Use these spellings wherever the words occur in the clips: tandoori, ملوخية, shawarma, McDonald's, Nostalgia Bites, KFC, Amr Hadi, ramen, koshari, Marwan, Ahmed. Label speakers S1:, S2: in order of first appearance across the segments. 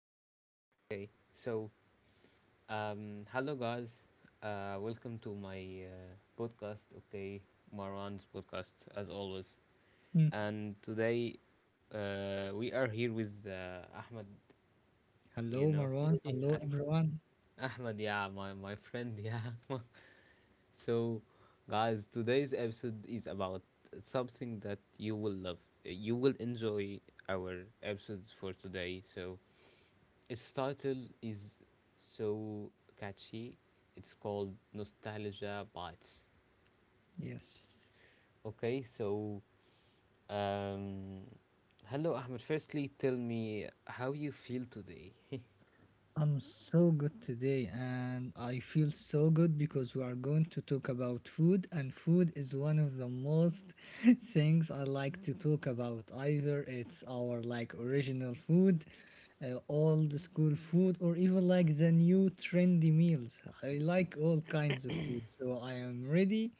S1: ماشي. Okay, so hello, guys. Welcome to my podcast. Okay, Marwan's podcast as always.
S2: Mm.
S1: And today, we are here with Ahmed. You
S2: Hello,
S1: know,
S2: Marwan. Hello, everyone.
S1: Ahmed. Yeah, my friend. Yeah, So, guys, today's episode is about something that you will love. You will enjoy our episode for today. So, its title is so catchy. It's called Nostalgia Bites.
S2: Yes,
S1: Okay, so, um, hello, Ahmed. Firstly, tell me how you feel today.
S2: I'm so good today, and I feel so good because we are going to talk about food, and food is one of the most things I like to talk about. Either it's our like original food, old school food, or even like the new trendy meals. I like all kinds of food, so I am ready.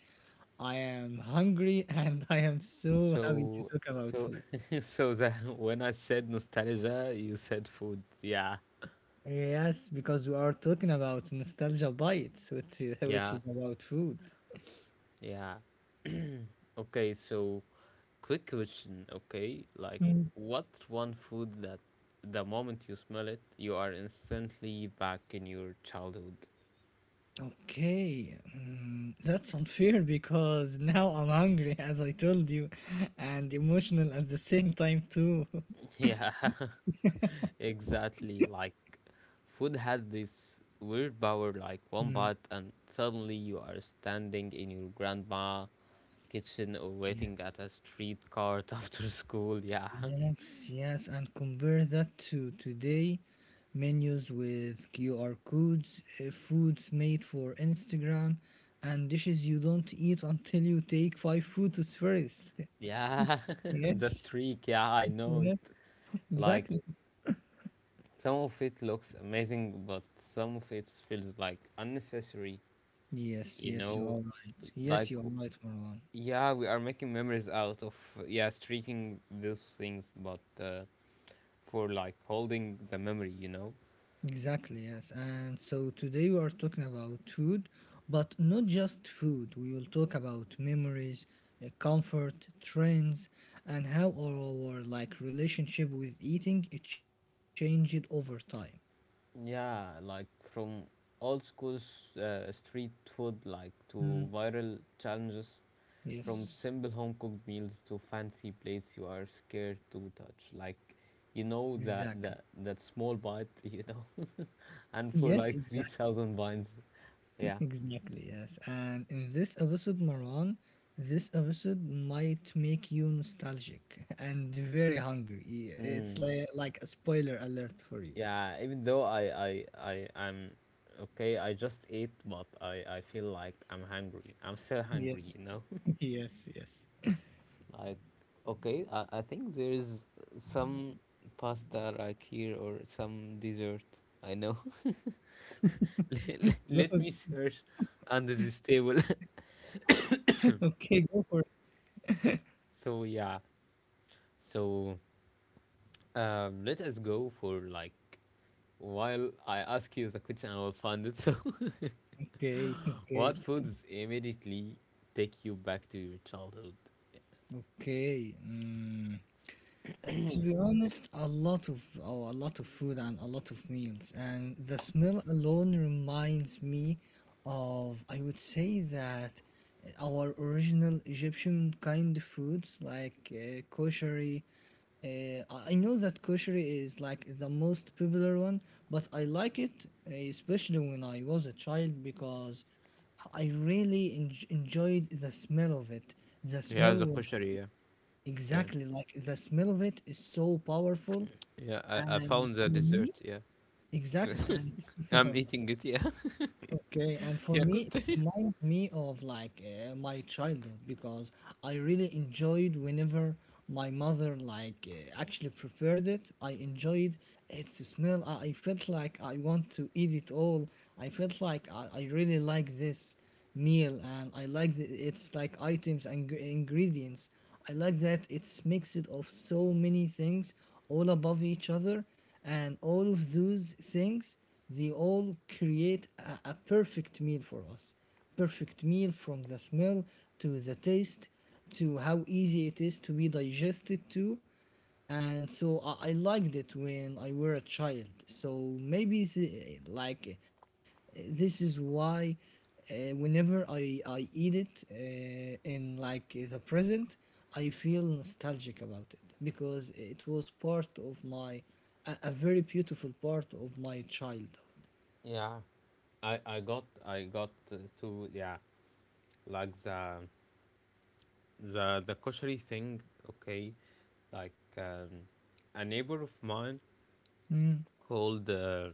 S2: I am hungry, and I am so happy to
S1: So,
S2: talk about
S1: so,
S2: food.
S1: so that when I said nostalgia, you said food. Yeah,
S2: Yes, because we are talking about nostalgia bites, which is, which
S1: yeah,
S2: is about food.
S1: yeah. Okay, so quick question, okay? Like,
S2: Mm.
S1: what's one food that the moment you smell it, you are instantly back in your childhood?
S2: Okay, that's unfair because now I'm hungry, as I told you, and emotional at the same time too.
S1: Yeah, exactly. Like, food has this weird power, like one
S2: Mm.
S1: bite, and suddenly you are standing in your grandma kitchen or waiting at
S2: Yes,
S1: a street cart after school. Yeah,
S2: yes, yes, and compare that to today menus with QR codes, foods made for Instagram, and dishes you don't eat until you take five photos first.
S1: yeah, the
S2: Yes.
S1: streak. Yeah, I know it.
S2: Yes,
S1: Like,
S2: exactly.
S1: some of it looks amazing, but some of it feels like unnecessary,
S2: Yes,
S1: you
S2: yes, you are
S1: know?
S2: right.
S1: Like,
S2: Yes, you are right, Marwan.
S1: yeah, we are making memories out of, yeah, streaking those things, but for like holding the memory, you know?
S2: Exactly, yes. And so today we are talking about food, but not just food. We will talk about memories, comfort, trends, and how our like relationship with eating it changed over time.
S1: Yeah, like from old school street food, like to
S2: Mm,
S1: viral challenges. From
S2: yes,
S1: simple home cooked meals to fancy plates you are scared to touch. Like you
S2: exactly.
S1: know that small bite, and
S2: Yes,
S1: for like
S2: exactly.
S1: 3,000 binds. Yeah.
S2: Exactly, yes. And in this episode, Maran, this episode might make you nostalgic and very hungry. Yeah, it's
S1: Mm.
S2: like a spoiler alert for you.
S1: Yeah. Even though I am okay, I just ate, but I feel like I'm hungry. I'm still hungry, you
S2: Yes,
S1: know.
S2: yes, yes.
S1: Like okay, I think there is some pasta like here or some dessert. I know. Let
S2: Go-
S1: me search under this table.
S2: Okay, go for it.
S1: So yeah. So let us go for like while I ask you the question, I will find it. So,
S2: Okay, okay,
S1: what foods immediately take you back to your childhood?
S2: okay. Mm. To be honest, a lot of food and a lot of meals, and the smell alone reminds me of I would say that our original Egyptian kind of foods like koshari. I know that koshari is like the most popular one, but I like it especially when I was a child because I really enjoyed the smell of it. The
S1: Yeah,
S2: smell.
S1: the kosher, yeah. Yeah.
S2: Exactly, like the smell of it is so powerful,
S1: Yeah, I
S2: and
S1: found the
S2: for me,
S1: dessert, yeah.
S2: exactly,
S1: I'm
S2: and
S1: eating it, yeah.
S2: Okay, and for
S1: Yeah,
S2: me,
S1: cool
S2: it
S1: thing.
S2: reminds me of like my childhood because I really enjoyed whenever my mother like actually prepared it. I enjoyed its smell. I felt like I want to eat it all. I felt like I really like this meal and I like the, its like items and ingredients. I like that it's mixed of so many things all above each other and all of those things they all create a perfect meal for us. Perfect meal from the smell to the taste to how easy it is to be digested to. And so I liked it when I were a child. So maybe like this is why whenever I eat it in like the present, I feel nostalgic about it because it was part of my a very beautiful part of my childhood.
S1: Yeah, I got to, yeah, like the koshery thing. Okay, like um, a neighbor of mine
S2: Mm,
S1: called uh,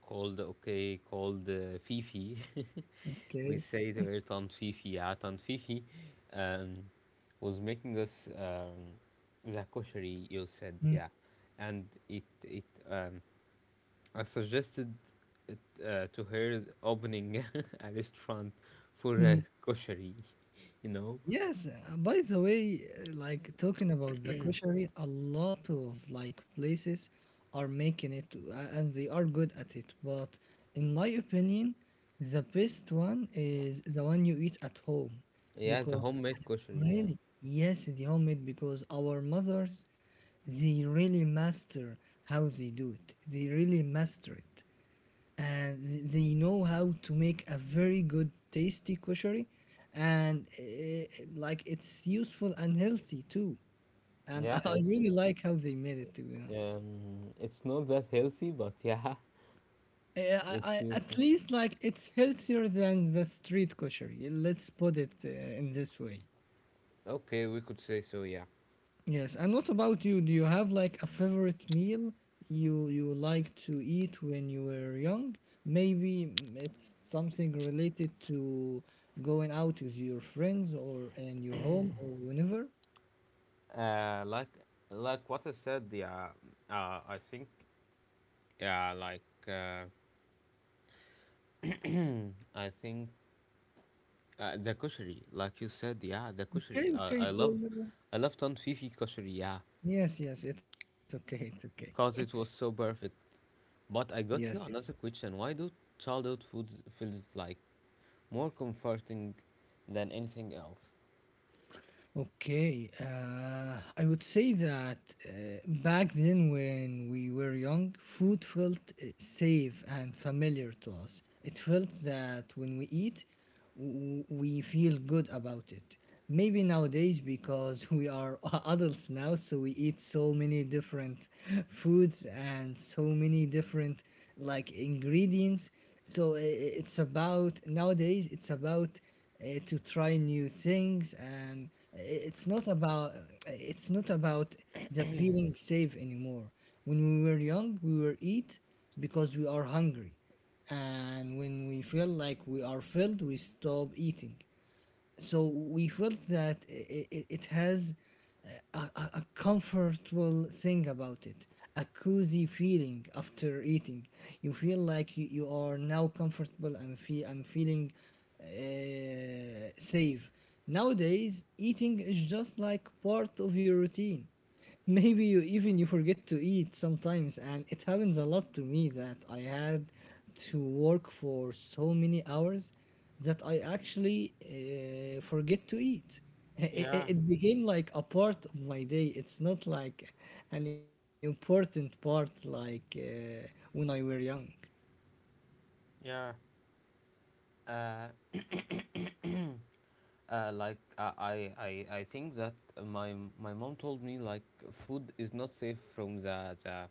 S1: called Fifi. We
S2: okay.
S1: say to her Tan Fifi, yeah, Tan Fifi, um, was making us the kosheri you said,
S2: Mm,
S1: yeah, and it I suggested it, to her, opening a restaurant for
S2: mm.
S1: kosheri, you know,
S2: Yes, by the way, like talking about the koshery, a lot of like places are making it and they are good at it. But in my opinion, the best one is the one you eat at home
S1: yeah, the
S2: because
S1: homemade kosheri, yeah,
S2: really, yes, the homemade because our mothers they really master how they do it. They really master it, uh, they know how to make a very good tasty koshari and like it's useful and healthy too and
S1: yeah,
S2: I
S1: it's
S2: really like how they made it to be honest.
S1: Um, it's not that healthy, but yeah,
S2: Uh, I,
S1: it's
S2: I at
S1: useful.
S2: least like it's healthier than the street koshari. Let's put it in this way.
S1: Okay, we could say so, yeah.
S2: Yes, and what about you? Do you have like a favorite meal you like to eat when you were young? Maybe it's something related to going out with your friends or in your home or whenever.
S1: Uh, like like what I said, yeah. I think, yeah, like I think the koshery, like you said, yeah, the koshery.
S2: Okay, okay,
S1: I
S2: so
S1: love, I love Ton Fifi koshery, yeah,
S2: yes, yes, it's okay, it's okay.
S1: cause it was so perfect. But
S2: Yes,
S1: I
S2: yes.
S1: got you another question. Why do childhood foods feels like more comforting than anything else?
S2: Okay, I would say that uh, back then when we were young, food felt safe and familiar to us. It felt that when we eat, we feel good about it. Maybe nowadays, because we are adults now, so we eat so many different foods and so many different like ingredients. So it's about nowadays, it's about to try new things and it's not about it's not about the feeling safe anymore. When we were young, we were eat because we are hungry, and when we feel like we are filled we stop eating. So we felt that it has a comfortable thing about it, a cozy feeling after eating. You feel like you are now comfortable and, and feeling uh, safe. Nowadays eating is just like part of your routine. Maybe you even you forget to eat sometimes, and it happens a lot to me that I had to work for so many hours that I actually forget to eat. It,
S1: Yeah,
S2: it became like a part of my day. It's not like an important part like when I were young.
S1: yeah. Uh, like I think that my mom told me like food is not safe from the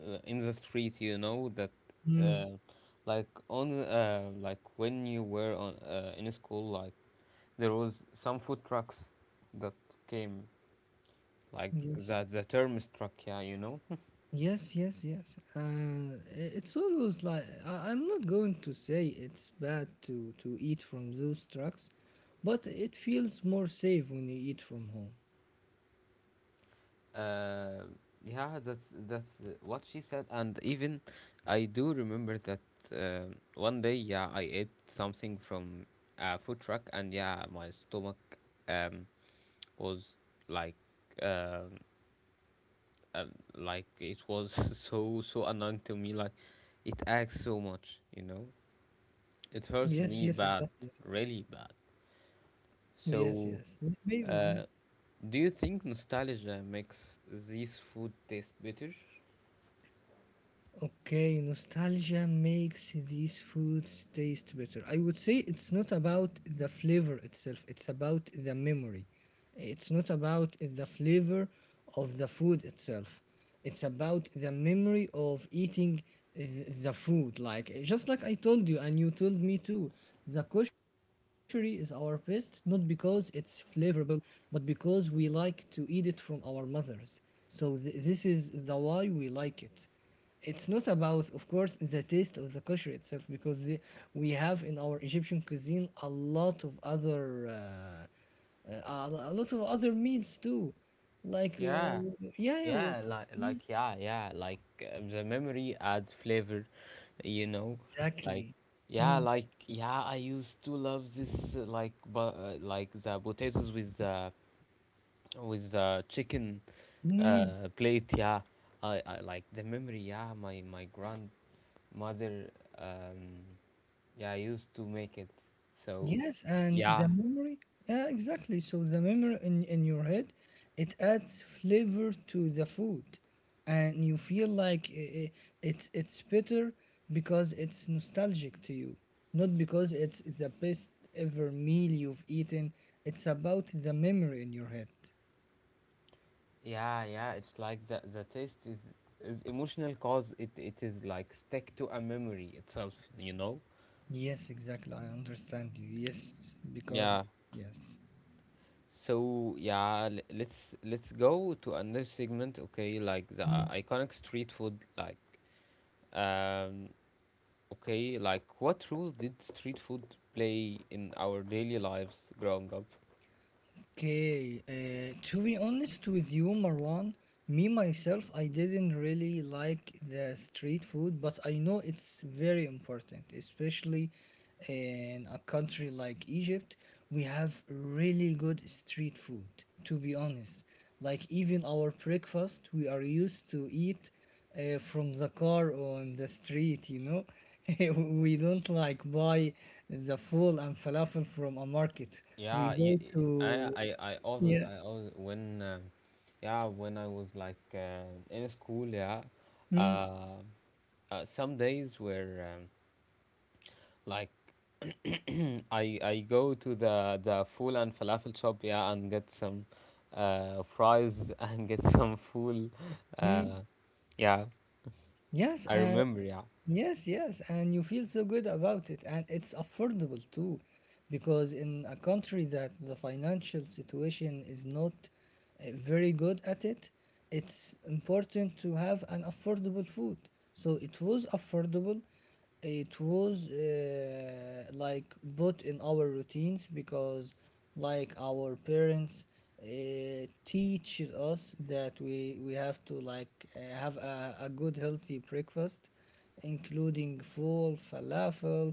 S1: in the street. You know that,
S2: Mm,
S1: uh, like on the, like when you were on in school, like there was some food trucks that came, like
S2: yes.
S1: the term struck. Yeah, you know.
S2: Yes, yes, yes. And it's always like I'm not going to say it's bad to eat from those trucks, but it feels more safe when you eat from home.
S1: Uh, yeah, that's what she said, and even I do remember that one day, yeah, I ate something from a food truck, and yeah, my stomach um was like um uh, like it was so, so annoying to me, like it acts so much,
S2: Yes,
S1: it
S2: yes,
S1: hurts me
S2: exactly. Yes,
S1: bad, really bad.
S2: yes, yes.
S1: So,
S2: Maybe. Mm.
S1: uh, do you think nostalgia makes these food taste better?
S2: Okay, nostalgia makes these foods taste better. I would say it's not about the flavor itself, it's about the memory. It's not about the flavor of the food itself. It's about the memory of eating the food. Like just like I told you and you told me too, the koshery is our best not because it's flavorable, but because we like to eat it from our mothers. So this is the why we like it. It's not about of course the taste of the kosher itself because we have in our Egyptian cuisine a lot of other meals too, like,
S1: Yeah.
S2: yeah, yeah, well,
S1: Yeah, like like the memory adds flavor, you know, like
S2: exactly.
S1: yeah, like yeah, I used to love this like but like the potatoes with the chicken
S2: Mm.
S1: plate, yeah. I like the memory, yeah, my grandmother um yeah, used to make it. So,
S2: Yes, and
S1: yeah.
S2: the memory, yeah, exactly. So the memory in your head, it adds flavor to the food, and you feel like it's better because it's nostalgic to you, not because it's the best ever meal you've eaten. It's about the memory in your head.
S1: Yeah, yeah, it's like the taste is emotional cause it is like stick to a memory itself, you know?
S2: Yes, exactly. I understand you. Yes, because
S1: Yeah.
S2: yes.
S1: So yeah, let's go to another segment, okay? Like the iconic street food, like um, okay, like what role did street food play in our daily lives growing up?
S2: Okay, to be honest with you, Marwan, me myself, I didn't really like the street food, but I know it's very important, especially in a country like Egypt. We have really good street food, to be honest. Like, even our breakfast, we are used to eat from the car on the street, you know? We don't like buy the full and falafel from a market.
S1: Yeah,
S2: We
S1: y-
S2: go
S1: y- I,
S2: to.
S1: I, I always,
S2: Yeah.
S1: I always, when, yeah, when I was like in school, yeah,
S2: Mm,
S1: uh, some days where like I go to the full and falafel shop, yeah, and get some fries and get some full,
S2: mm.
S1: uh, yeah,
S2: Yes.
S1: I remember, yeah.
S2: Yes, yes, and you feel so good about it, and it's affordable too, because in a country that the financial situation is not very good at it, it's important to have an affordable food. So it was affordable, it was like put in our routines because, like our parents, teach us that we have to like have a good healthy breakfast including full, falafel,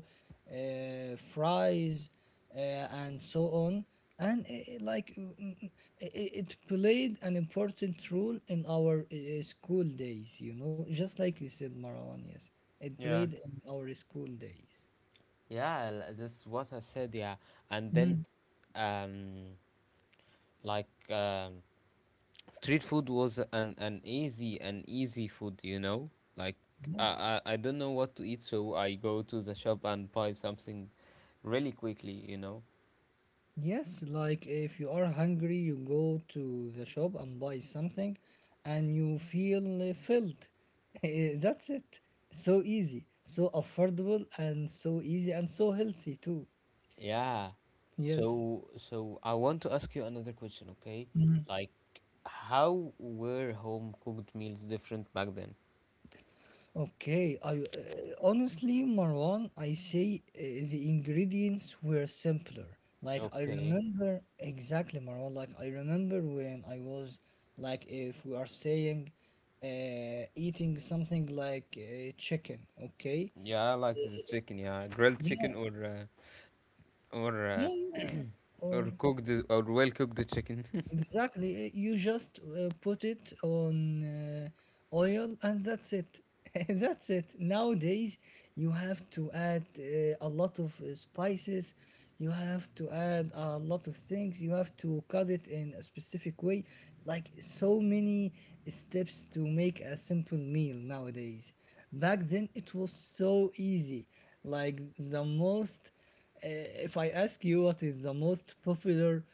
S2: fries, uh, and so on. And like i- it played an important role in our school days, you know, just like you said, Marwan. Yes, it
S1: Yeah.
S2: played in our school days.
S1: Yeah, that's what I said, yeah, and then
S2: Mm.
S1: um like street food was an easy food, you know, like I,
S2: Yes.
S1: I I don't know what to eat, so I go to the shop and buy something really quickly, you know.
S2: Yes, like if you are hungry, you go to the shop and buy something and you feel filled. Eh, that's it. So easy, so affordable, and so easy and so healthy too.
S1: Yeah.
S2: Yes.
S1: So I want to ask you another question, okay? Like, how were home cooked meals different back then?
S2: Okay, I honestly, Marwan, I say the ingredients were simpler. Like I
S1: Okay.
S2: remember exactly, Marwan. Like I remember when I was like, if we are saying, eating something like chicken. Okay,
S1: Yeah, I like this chicken, yeah. Grilled
S2: yeah,
S1: chicken, or uh,
S2: yeah, yeah, or
S1: or cooked, or well cooked chicken.
S2: exactly. You just put it on uh, oil and that's it. That's it. Nowadays, you have to add a lot of spices. You have to add a lot of things. You have to cut it in a specific way. Like so many steps to make a simple meal nowadays. Back then, it was so easy. Like the most. Uh, if I ask you what is the most popular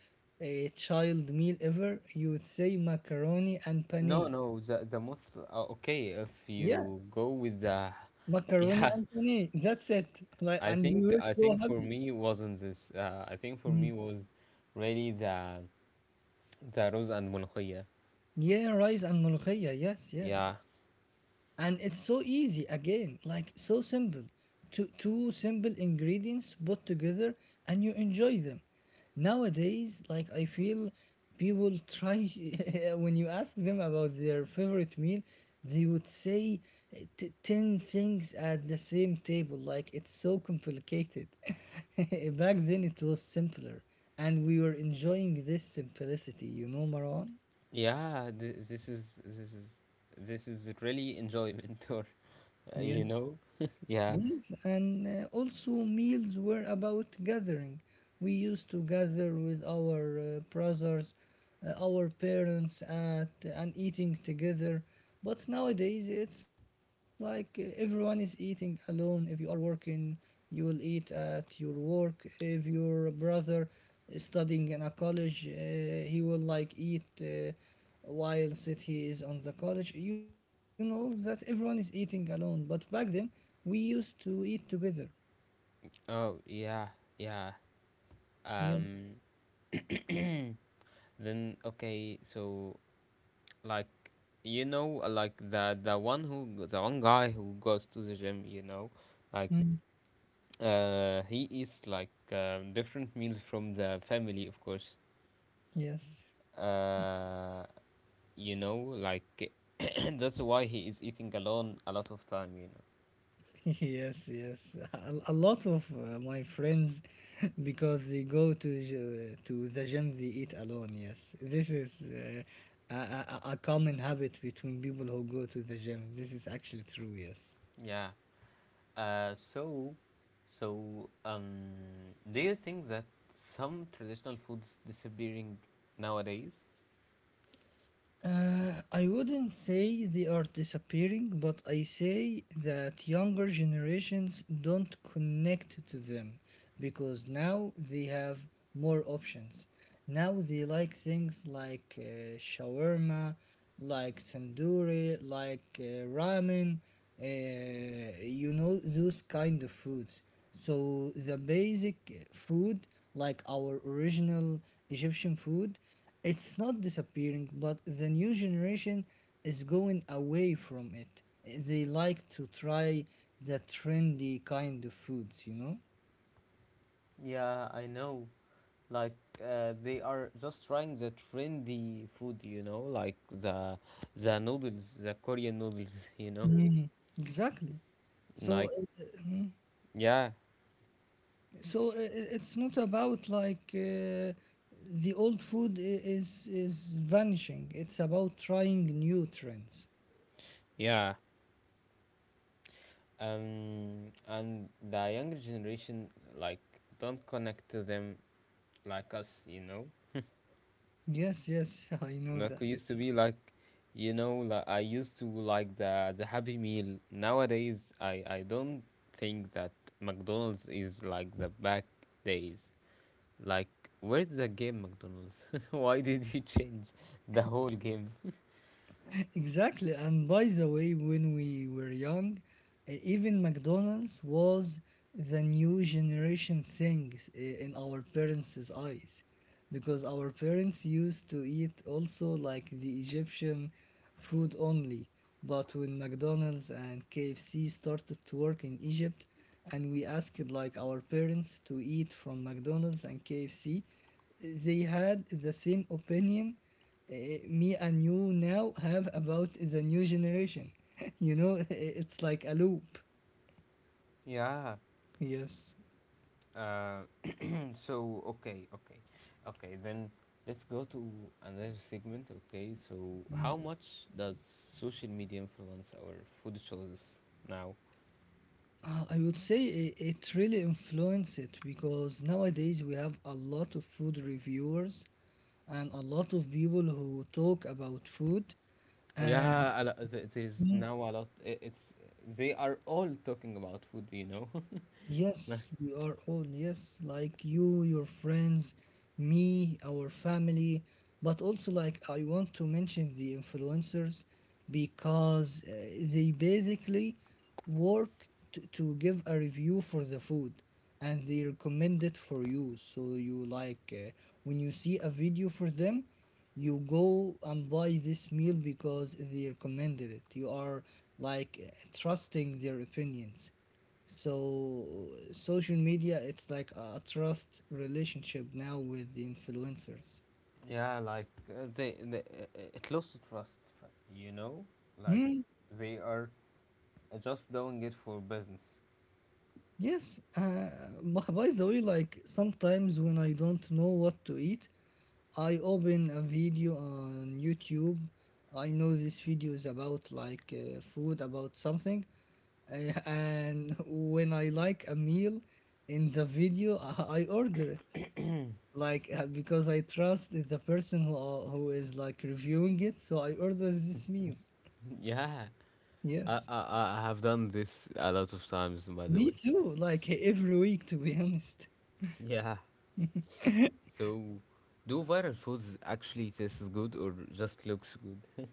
S2: child meal ever, you would say macaroni and
S1: No,
S2: pane.
S1: no, the most okay, if
S2: Yeah,
S1: you go with the
S2: macaroni
S1: yeah,
S2: and pane. That's it. Like,
S1: I
S2: and we
S1: think
S2: were
S1: I
S2: so
S1: think for
S2: happy.
S1: me wasn't this. I think for
S2: Mm.
S1: me was really the rose and mulkhaya.
S2: Yeah, rice and ملوخية. Yes, yes.
S1: Yeah,
S2: And it's so easy again, like so simple, two simple ingredients put together and you enjoy them. Nowadays, like I feel, people try when you ask them about their favorite meal they would say 10 things at the same table, like it's so complicated. Back then it was simpler and we were enjoying this simplicity, you know, Marwan.
S1: Yeah, this is really enjoyment, or you
S2: Yes.
S1: know, yeah.
S2: These and also meals were about gathering. We used to gather with our brothers, our parents at and eating together. But nowadays it's like everyone is eating alone. If you are working, you will eat at your work. If your brother is studying in a college, he will like eat while sit he is on the college. You know that everyone is eating alone, but back then we used to eat together.
S1: Oh, yeah, yeah.
S2: Yes.
S1: Um, then okay, so, like, you know, like the one who the one guy who goes to the gym, you know, like
S2: Mm.
S1: he eats like different meals from the family, of course.
S2: Yes.
S1: Uh, you know, like that's why he is eating alone a lot of time, you know.
S2: Yes, yes. A lot of my friends, because they go to to the gym, they eat alone. Yes, this is a common habit between people who go to the gym. This is actually true. Yes.
S1: Yeah. Uh, so, so, do you think that some traditional foods disappearing nowadays?
S2: I wouldn't say they are disappearing, but I say that younger generations don't connect to them because now they have more options. Now they like things like shawarma, like tandoori, like ramen, you know, those kind of foods. So the basic food, like our original Egyptian food, it's not disappearing, but the new generation is going away from it. They like to try the trendy kind of foods, you know?
S1: Yeah, I know. Like they are just trying the trendy food, you know, like the noodles, the Korean noodles, you know.
S2: Hmm. Exactly. So,
S1: Like,
S2: uh,
S1: yeah,
S2: so it's not about like the old food is vanishing. It's about trying new trends.
S1: yeah. And the younger generation like don't connect to them like us, you know.
S2: Yes, yes, I know that.
S1: Like we used to
S2: Yes.
S1: be like, you know, like I used to like the Happy Meal. Nowadays, I don't think that McDonald's is like the back days. Like, where did the game McDonald's? Why did you change the whole game?
S2: Exactly. And by the way, when we were young, even McDonald's was the new generation things in our parents' eyes. Because our parents used to eat also like the Egyptian food only. But when McDonald's and KFC started to work in Egypt, and we asked like our parents to eat from McDonald's and KFC, they had the same opinion uh, me and you now have about the new generation. You know, it's like a loop.
S1: Yeah.
S2: Yes.
S1: Uh, so okay, okay, okay. Then let's go to another segment. Okay. So, how much does social media influence our food choices now?
S2: I would say it, it really influenced it because nowadays we have a lot of food reviewers and a lot of people who talk about food. And
S1: Yeah, there's now a lot. It's, they are all talking about food, you know. Like
S2: yes, we are all, yes, like you, your friends, me, our family, but also like I want to mention the influencers because they basically work to give a review for the food, and they recommend it for you. So you like when you see a video for them, you go and buy this meal because they recommended it. You are like trusting their opinions. So social media, it's like a trust relationship now with the influencers.
S1: Yeah, like it lost the trust, you know? Like,
S2: Hmm.
S1: they are just doing it for business.
S2: Yes. By the way, like sometimes when I don't know what to eat, I open a video on YouTube. I know this video is about like food, about something, uh, and when I like a meal in the video, I order it. Like because I trust the person who is like reviewing it, so I ordered this meal.
S1: Yeah, I, I
S2: Yes,
S1: I I have done this a lot of times, by the
S2: me
S1: way.
S2: too. Like every week, to be honest.
S1: Yeah. So, do viral foods actually taste good or just looks good?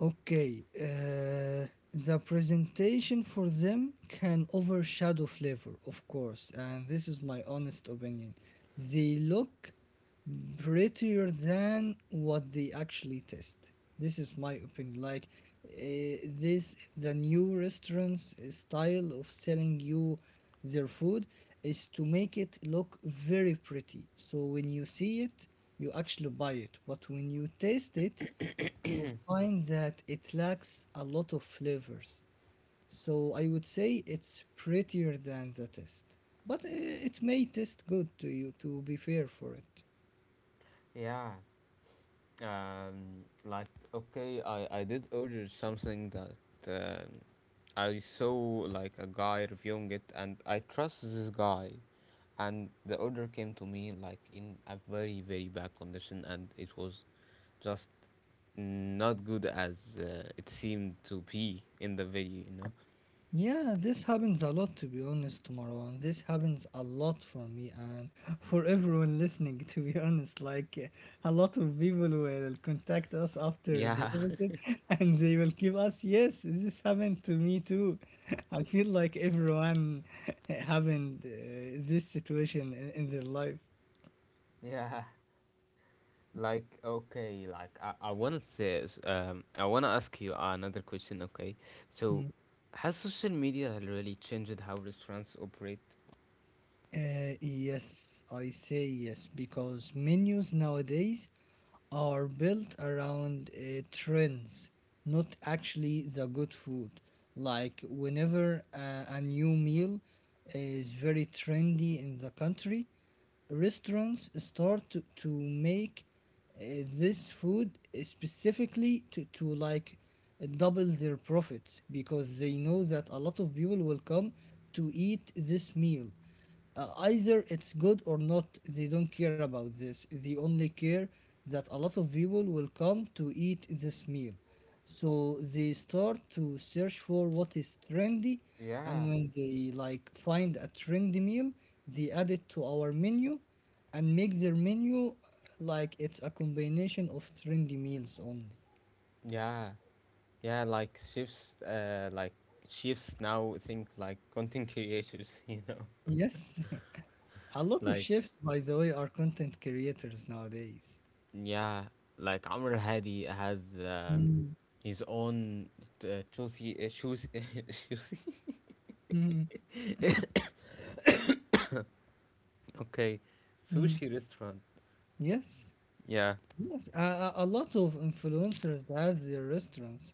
S2: Okay, the presentation for them can overshadow flavor, of course, and this is my honest opinion. They look prettier than what they actually taste. This is my opinion. Like this, the new restaurants style of selling you their food is to make it look very pretty. So when you see it, you actually buy it. But when you taste it, you find that it lacks a lot of flavors. So I would say it's prettier than the test. But it may taste good to you, to be fair for it.
S1: Yeah. Like, okay, I did order something that um I saw, like, a guy reviewing it, and I trust this guy, and the order came to me like in a very, very bad condition, and it was just not good as it seemed to be in the video, you know.
S2: Yeah, this happens a lot, to be honest, Tomorrow, and this happens a lot for me and for everyone listening, to be honest. Like a lot of people will contact us after the
S1: Yeah.
S2: episode and they will give us yes, this happened to me too. I feel like everyone having this situation in their life.
S1: Yeah. Like, okay, like, I wanna ask you another question, okay? So,
S2: Hmm.
S1: has social media really changed how restaurants operate?
S2: Yes, I say yes because menus nowadays are built around trends, not actually the good food. Like, whenever a new meal is very trendy in the country, restaurants start to make uh, this food specifically to like double their profits because they know that a lot of people will come to eat this meal either it's good or not, they don't care about this. They only care that a lot of people will come to eat this meal. So they start to search for what is trendy,
S1: Yeah.
S2: and when they like find a trendy meal, they add it to our menu and make their menu like it's a combination of trendy meals only.
S1: Yeah, yeah, like, chefs now think like content creators, you know.
S2: Yes, a lot of
S1: Like,
S2: chefs, by the way, are content creators nowadays.
S1: yeah, like Amr Hadi has
S2: Mm,
S1: his own choosy, choosy choosy,
S2: mm,
S1: okay,
S2: mm.
S1: sushi restaurant.
S2: Yes.
S1: Yeah.
S2: Yes, a lot of influencers have their restaurants.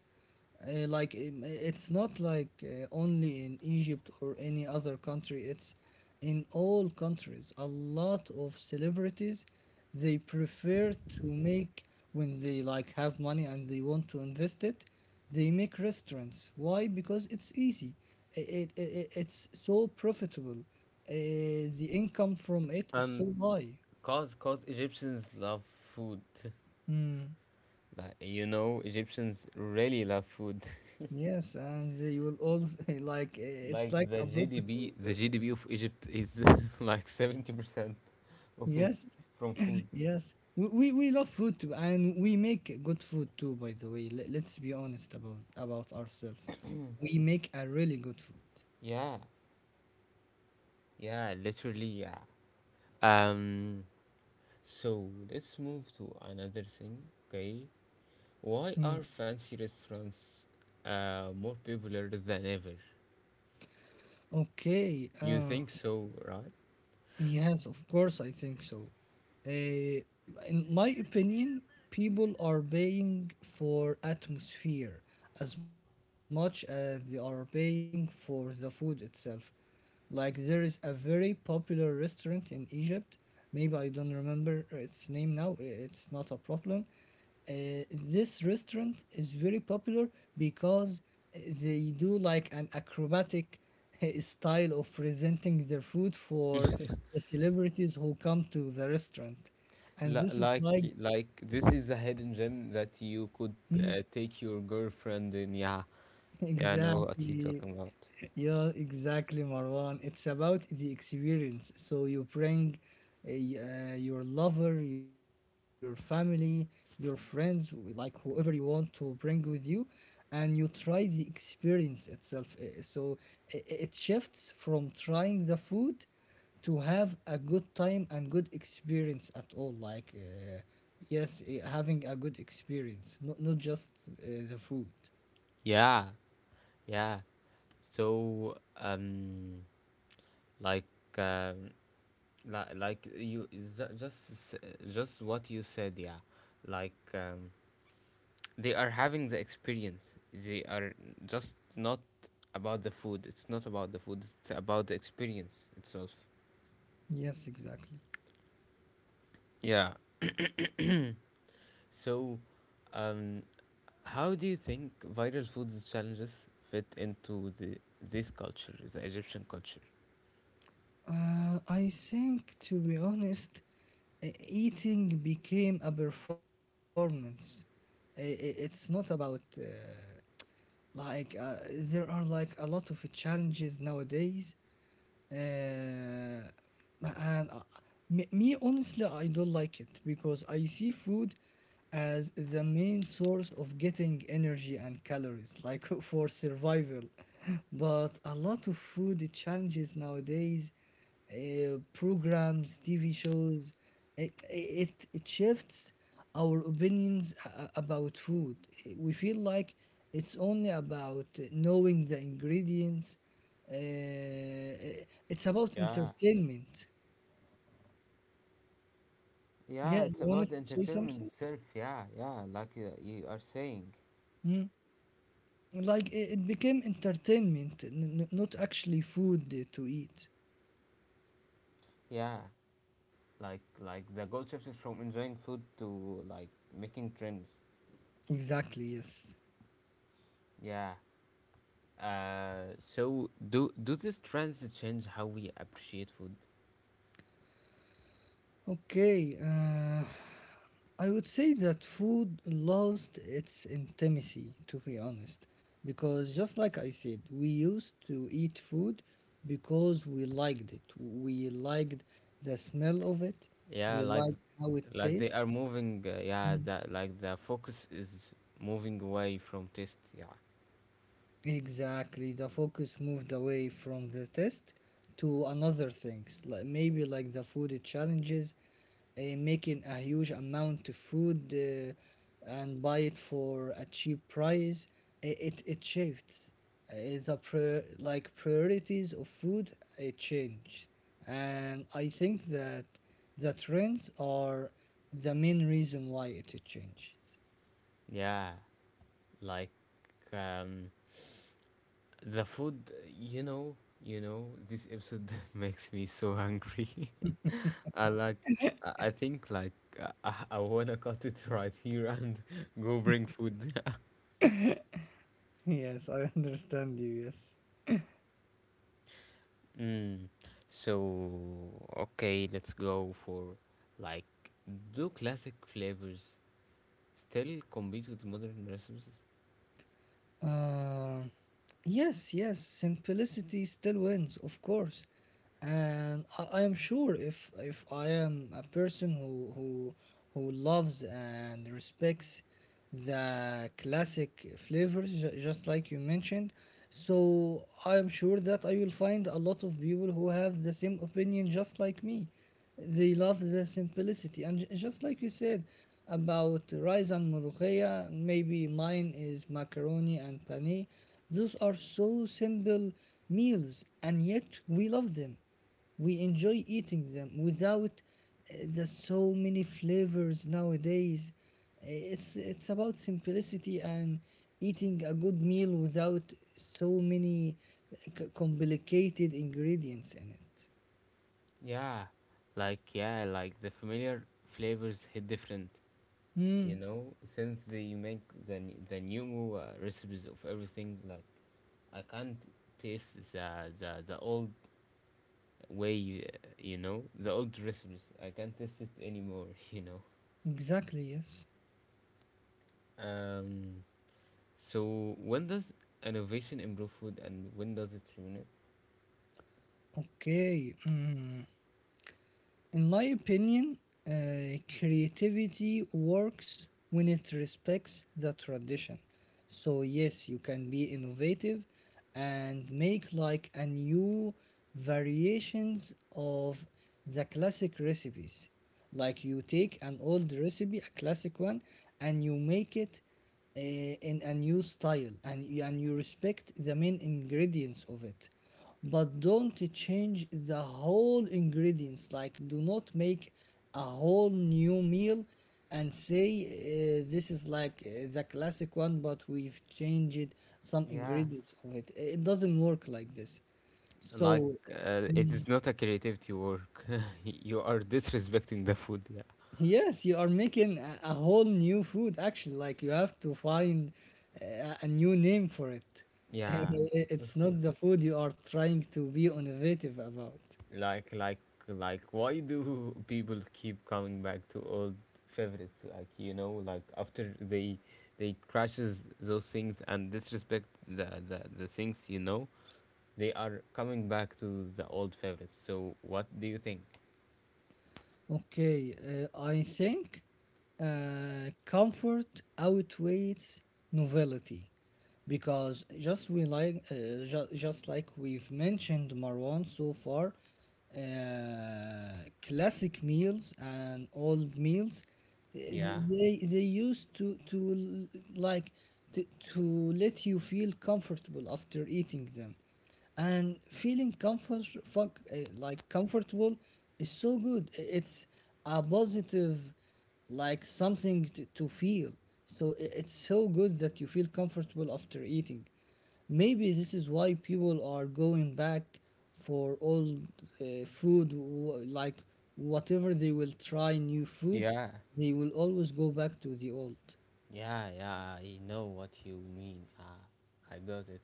S2: Like it's not like only in Egypt or any other country. It's in all countries. A lot of celebrities they prefer to make when they like have money and they want to invest it. They make restaurants. Why? Because it's easy. It's so profitable. The income from it is
S1: Um
S2: so high.
S1: cause, Egyptians love food.
S2: Mm.
S1: Like, you know, Egyptians really love food.
S2: Yes, and you will also like it's
S1: Like
S2: like a
S1: the
S2: profitable
S1: GDP, the
S2: business.
S1: GDP of Egypt is like 70% of it
S2: Yes,
S1: from food.
S2: yes. We love food too, and we make good food too. By the way, let's be honest about ourselves. We make a really good food.
S1: Yeah, yeah, literally, yeah. Um, so, let's move to another thing. Okay,
S2: Hmm.
S1: why are fancy restaurants more popular than ever?
S2: Okay.
S1: You think so, right?
S2: Yes, of course, I think so. Uh, in my opinion, people are paying for atmosphere as much as they are paying for the food itself. Like, there is a very popular restaurant in Egypt. Maybe I don't remember its name now, it's not a problem. This restaurant is very popular because they do like an acrobatic style of presenting their food for the celebrities who come to the restaurant. And
S1: Li-
S2: this is like,
S1: Like, like, this is a hidden gem that you could
S2: mhm,
S1: take your girlfriend in. Yeah, yeah, I know what he
S2: exactly.
S1: talking about.
S2: Yeah, exactly, Marwan. It's about the experience. So you bring your lover, your family, your friends, like whoever you want to bring with you, and you try the experience itself. So it shifts from trying the food to have a good time and good experience at all. Like, yes, having a good experience, not, not just the food.
S1: Yeah, yeah. So, like, um, li- like you ju- just s- just what you said. Yeah, like they are having the experience. They are just not about the food. It's not about the food. It's about the experience itself.
S2: Yes, exactly.
S1: Yeah. So, um, how do you think viral foods challenges fit into the this culture, the Egyptian culture?
S2: I think, to be honest, eating became a performance. I- It's not about like there are like a lot of challenges nowadays, uh, and uh, me honestly, I don't like it because I see food as the main source of getting energy and calories, like for survival. But a lot of food challenges nowadays. Programs, TV shows, it shifts our opinions about food. We feel like it's only about knowing the ingredients. Uh, it's about
S1: Yeah,
S2: entertainment.
S1: yeah,
S2: Yeah, you
S1: it's about
S2: wanted
S1: the
S2: to say
S1: entertainment
S2: something?
S1: itself. Yeah, yeah, like you are saying.
S2: Mm. Like it became entertainment, not actually food to eat.
S1: Yeah, like, the goal shifted from enjoying food to like making trends.
S2: Exactly, yes.
S1: Yeah. So, do these trends change how we appreciate food?
S2: Okay, I would say that food lost its intimacy, to be honest, because just like I said, we used to eat food because we liked it. We liked the smell of it,
S1: Yeah,
S2: we
S1: like,
S2: liked how it
S1: they
S2: tastes.
S1: are moving. Yeah, that like the focus is moving away from taste. Yeah,
S2: Exactly. The focus moved away from the test to another things, like maybe like the food challenges, making a huge amount of food and buy it for a cheap price. It it shifts. Like priorities of food it changed, and I think that the trends are the main reason why it changes.
S1: yeah. Like um, the food, you know, this episode makes me so hungry. I like, I think like I wanna cut it right here and go bring food.
S2: Yes, I understand you. Yes.
S1: Mm. So, okay, let's go for like, do classic flavors still compete with modern recipes?
S2: Uh, yes, yes, simplicity still wins, of course. And I am sure if I am a person who who loves and respects the classic flavors, just like you mentioned, so I am sure that I will find a lot of people who have the same opinion just like me. They love the simplicity. And just like you said about rice and ملوخية, maybe mine is macaroni and pane. Those are so simple meals, and yet we love them. We enjoy eating them without the so many flavors nowadays. It's it's about simplicity and eating a good meal without so many complicated ingredients in it.
S1: Yeah, like, yeah, like the familiar flavors hit different. You
S2: Hmm.
S1: know, since they make the new recipes of everything, like I can't taste the old way, you know, the old recipes, I can't taste it anymore. You know,
S2: Exactly, yes.
S1: um so, when does innovation improve food and when does it ruin it?
S2: Okay. Mm. In my opinion, creativity works when it respects the tradition. So, yes, you can be innovative and make like a new variations of the classic recipes. Like you take an old recipe, a classic one, and you make it in a new style, and you- and you respect the main ingredients of it, but don't change the whole ingredients. Like, do not make a whole new meal and say this is like the classic one but we've changed some
S1: Yeah.
S2: ingredients of it. It doesn't work like this,
S1: Like
S2: so
S1: it is not a creativity work. You are disrespecting the food, yeah,
S2: yes, you are making a whole new food actually. Like, you have to find a new name for it.
S1: yeah.
S2: It's not the food you are trying to be innovative about.
S1: Like, like, why do people keep coming back to old favorites? Like, you know, like, after they crashes those things and disrespect the things, you know, they are coming back to the old favorites. So, what do you think?
S2: Okay, I think comfort outweighs novelty because just we like just like we've mentioned, Marwan, so far, classic meals and old meals, uh,
S1: Yeah,
S2: they used to like to, to let you feel comfortable after eating them, and feeling like comfortable is so good. It's a positive like something to feel, so it's so good that you feel comfortable after eating. Maybe this is why people are going back for old food, like whatever they will try new foods,
S1: yeah,
S2: they will always go back to the old.
S1: yeah, yeah. I know what you mean. Ah, I got it.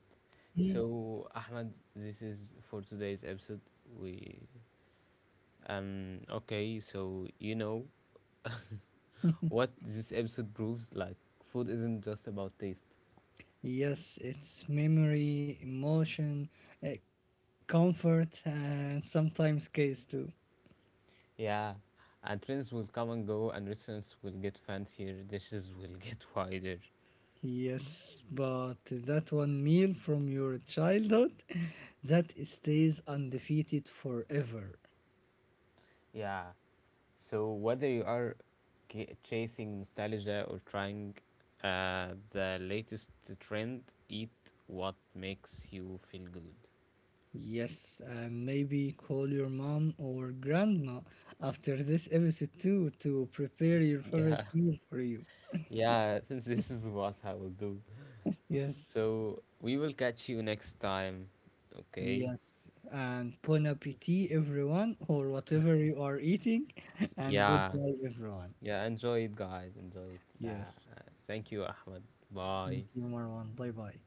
S1: So, Ahmed, this is for today's episode. We okay. So, you know. What this episode proves, like, food isn't just about taste,
S2: Yes, it's memory, emotion, comfort, and sometimes case too.
S1: yeah, and trends will come and go, and restaurants will get fancier, dishes will get wider,
S2: Yes, but that one meal from your childhood that stays undefeated forever.
S1: yeah. So, whether you are chasing nostalgia or trying the latest trend, eat what makes you feel good,
S2: Yes, and maybe call your mom or grandma after this episode too to prepare your
S1: yeah.
S2: favorite meal for you.
S1: Yeah. This is what I will do.
S2: Yes,
S1: So, we will catch you next time, okay,
S2: yes, and bon appetit, everyone, or whatever you are eating, and good
S1: yeah.
S2: day, everyone.
S1: Yeah, enjoy it, guys. Enjoy it. Yeah.
S2: Yes.
S1: Thank you, Ahmed. Bye.
S2: Thank you, Marwan. Bye bye.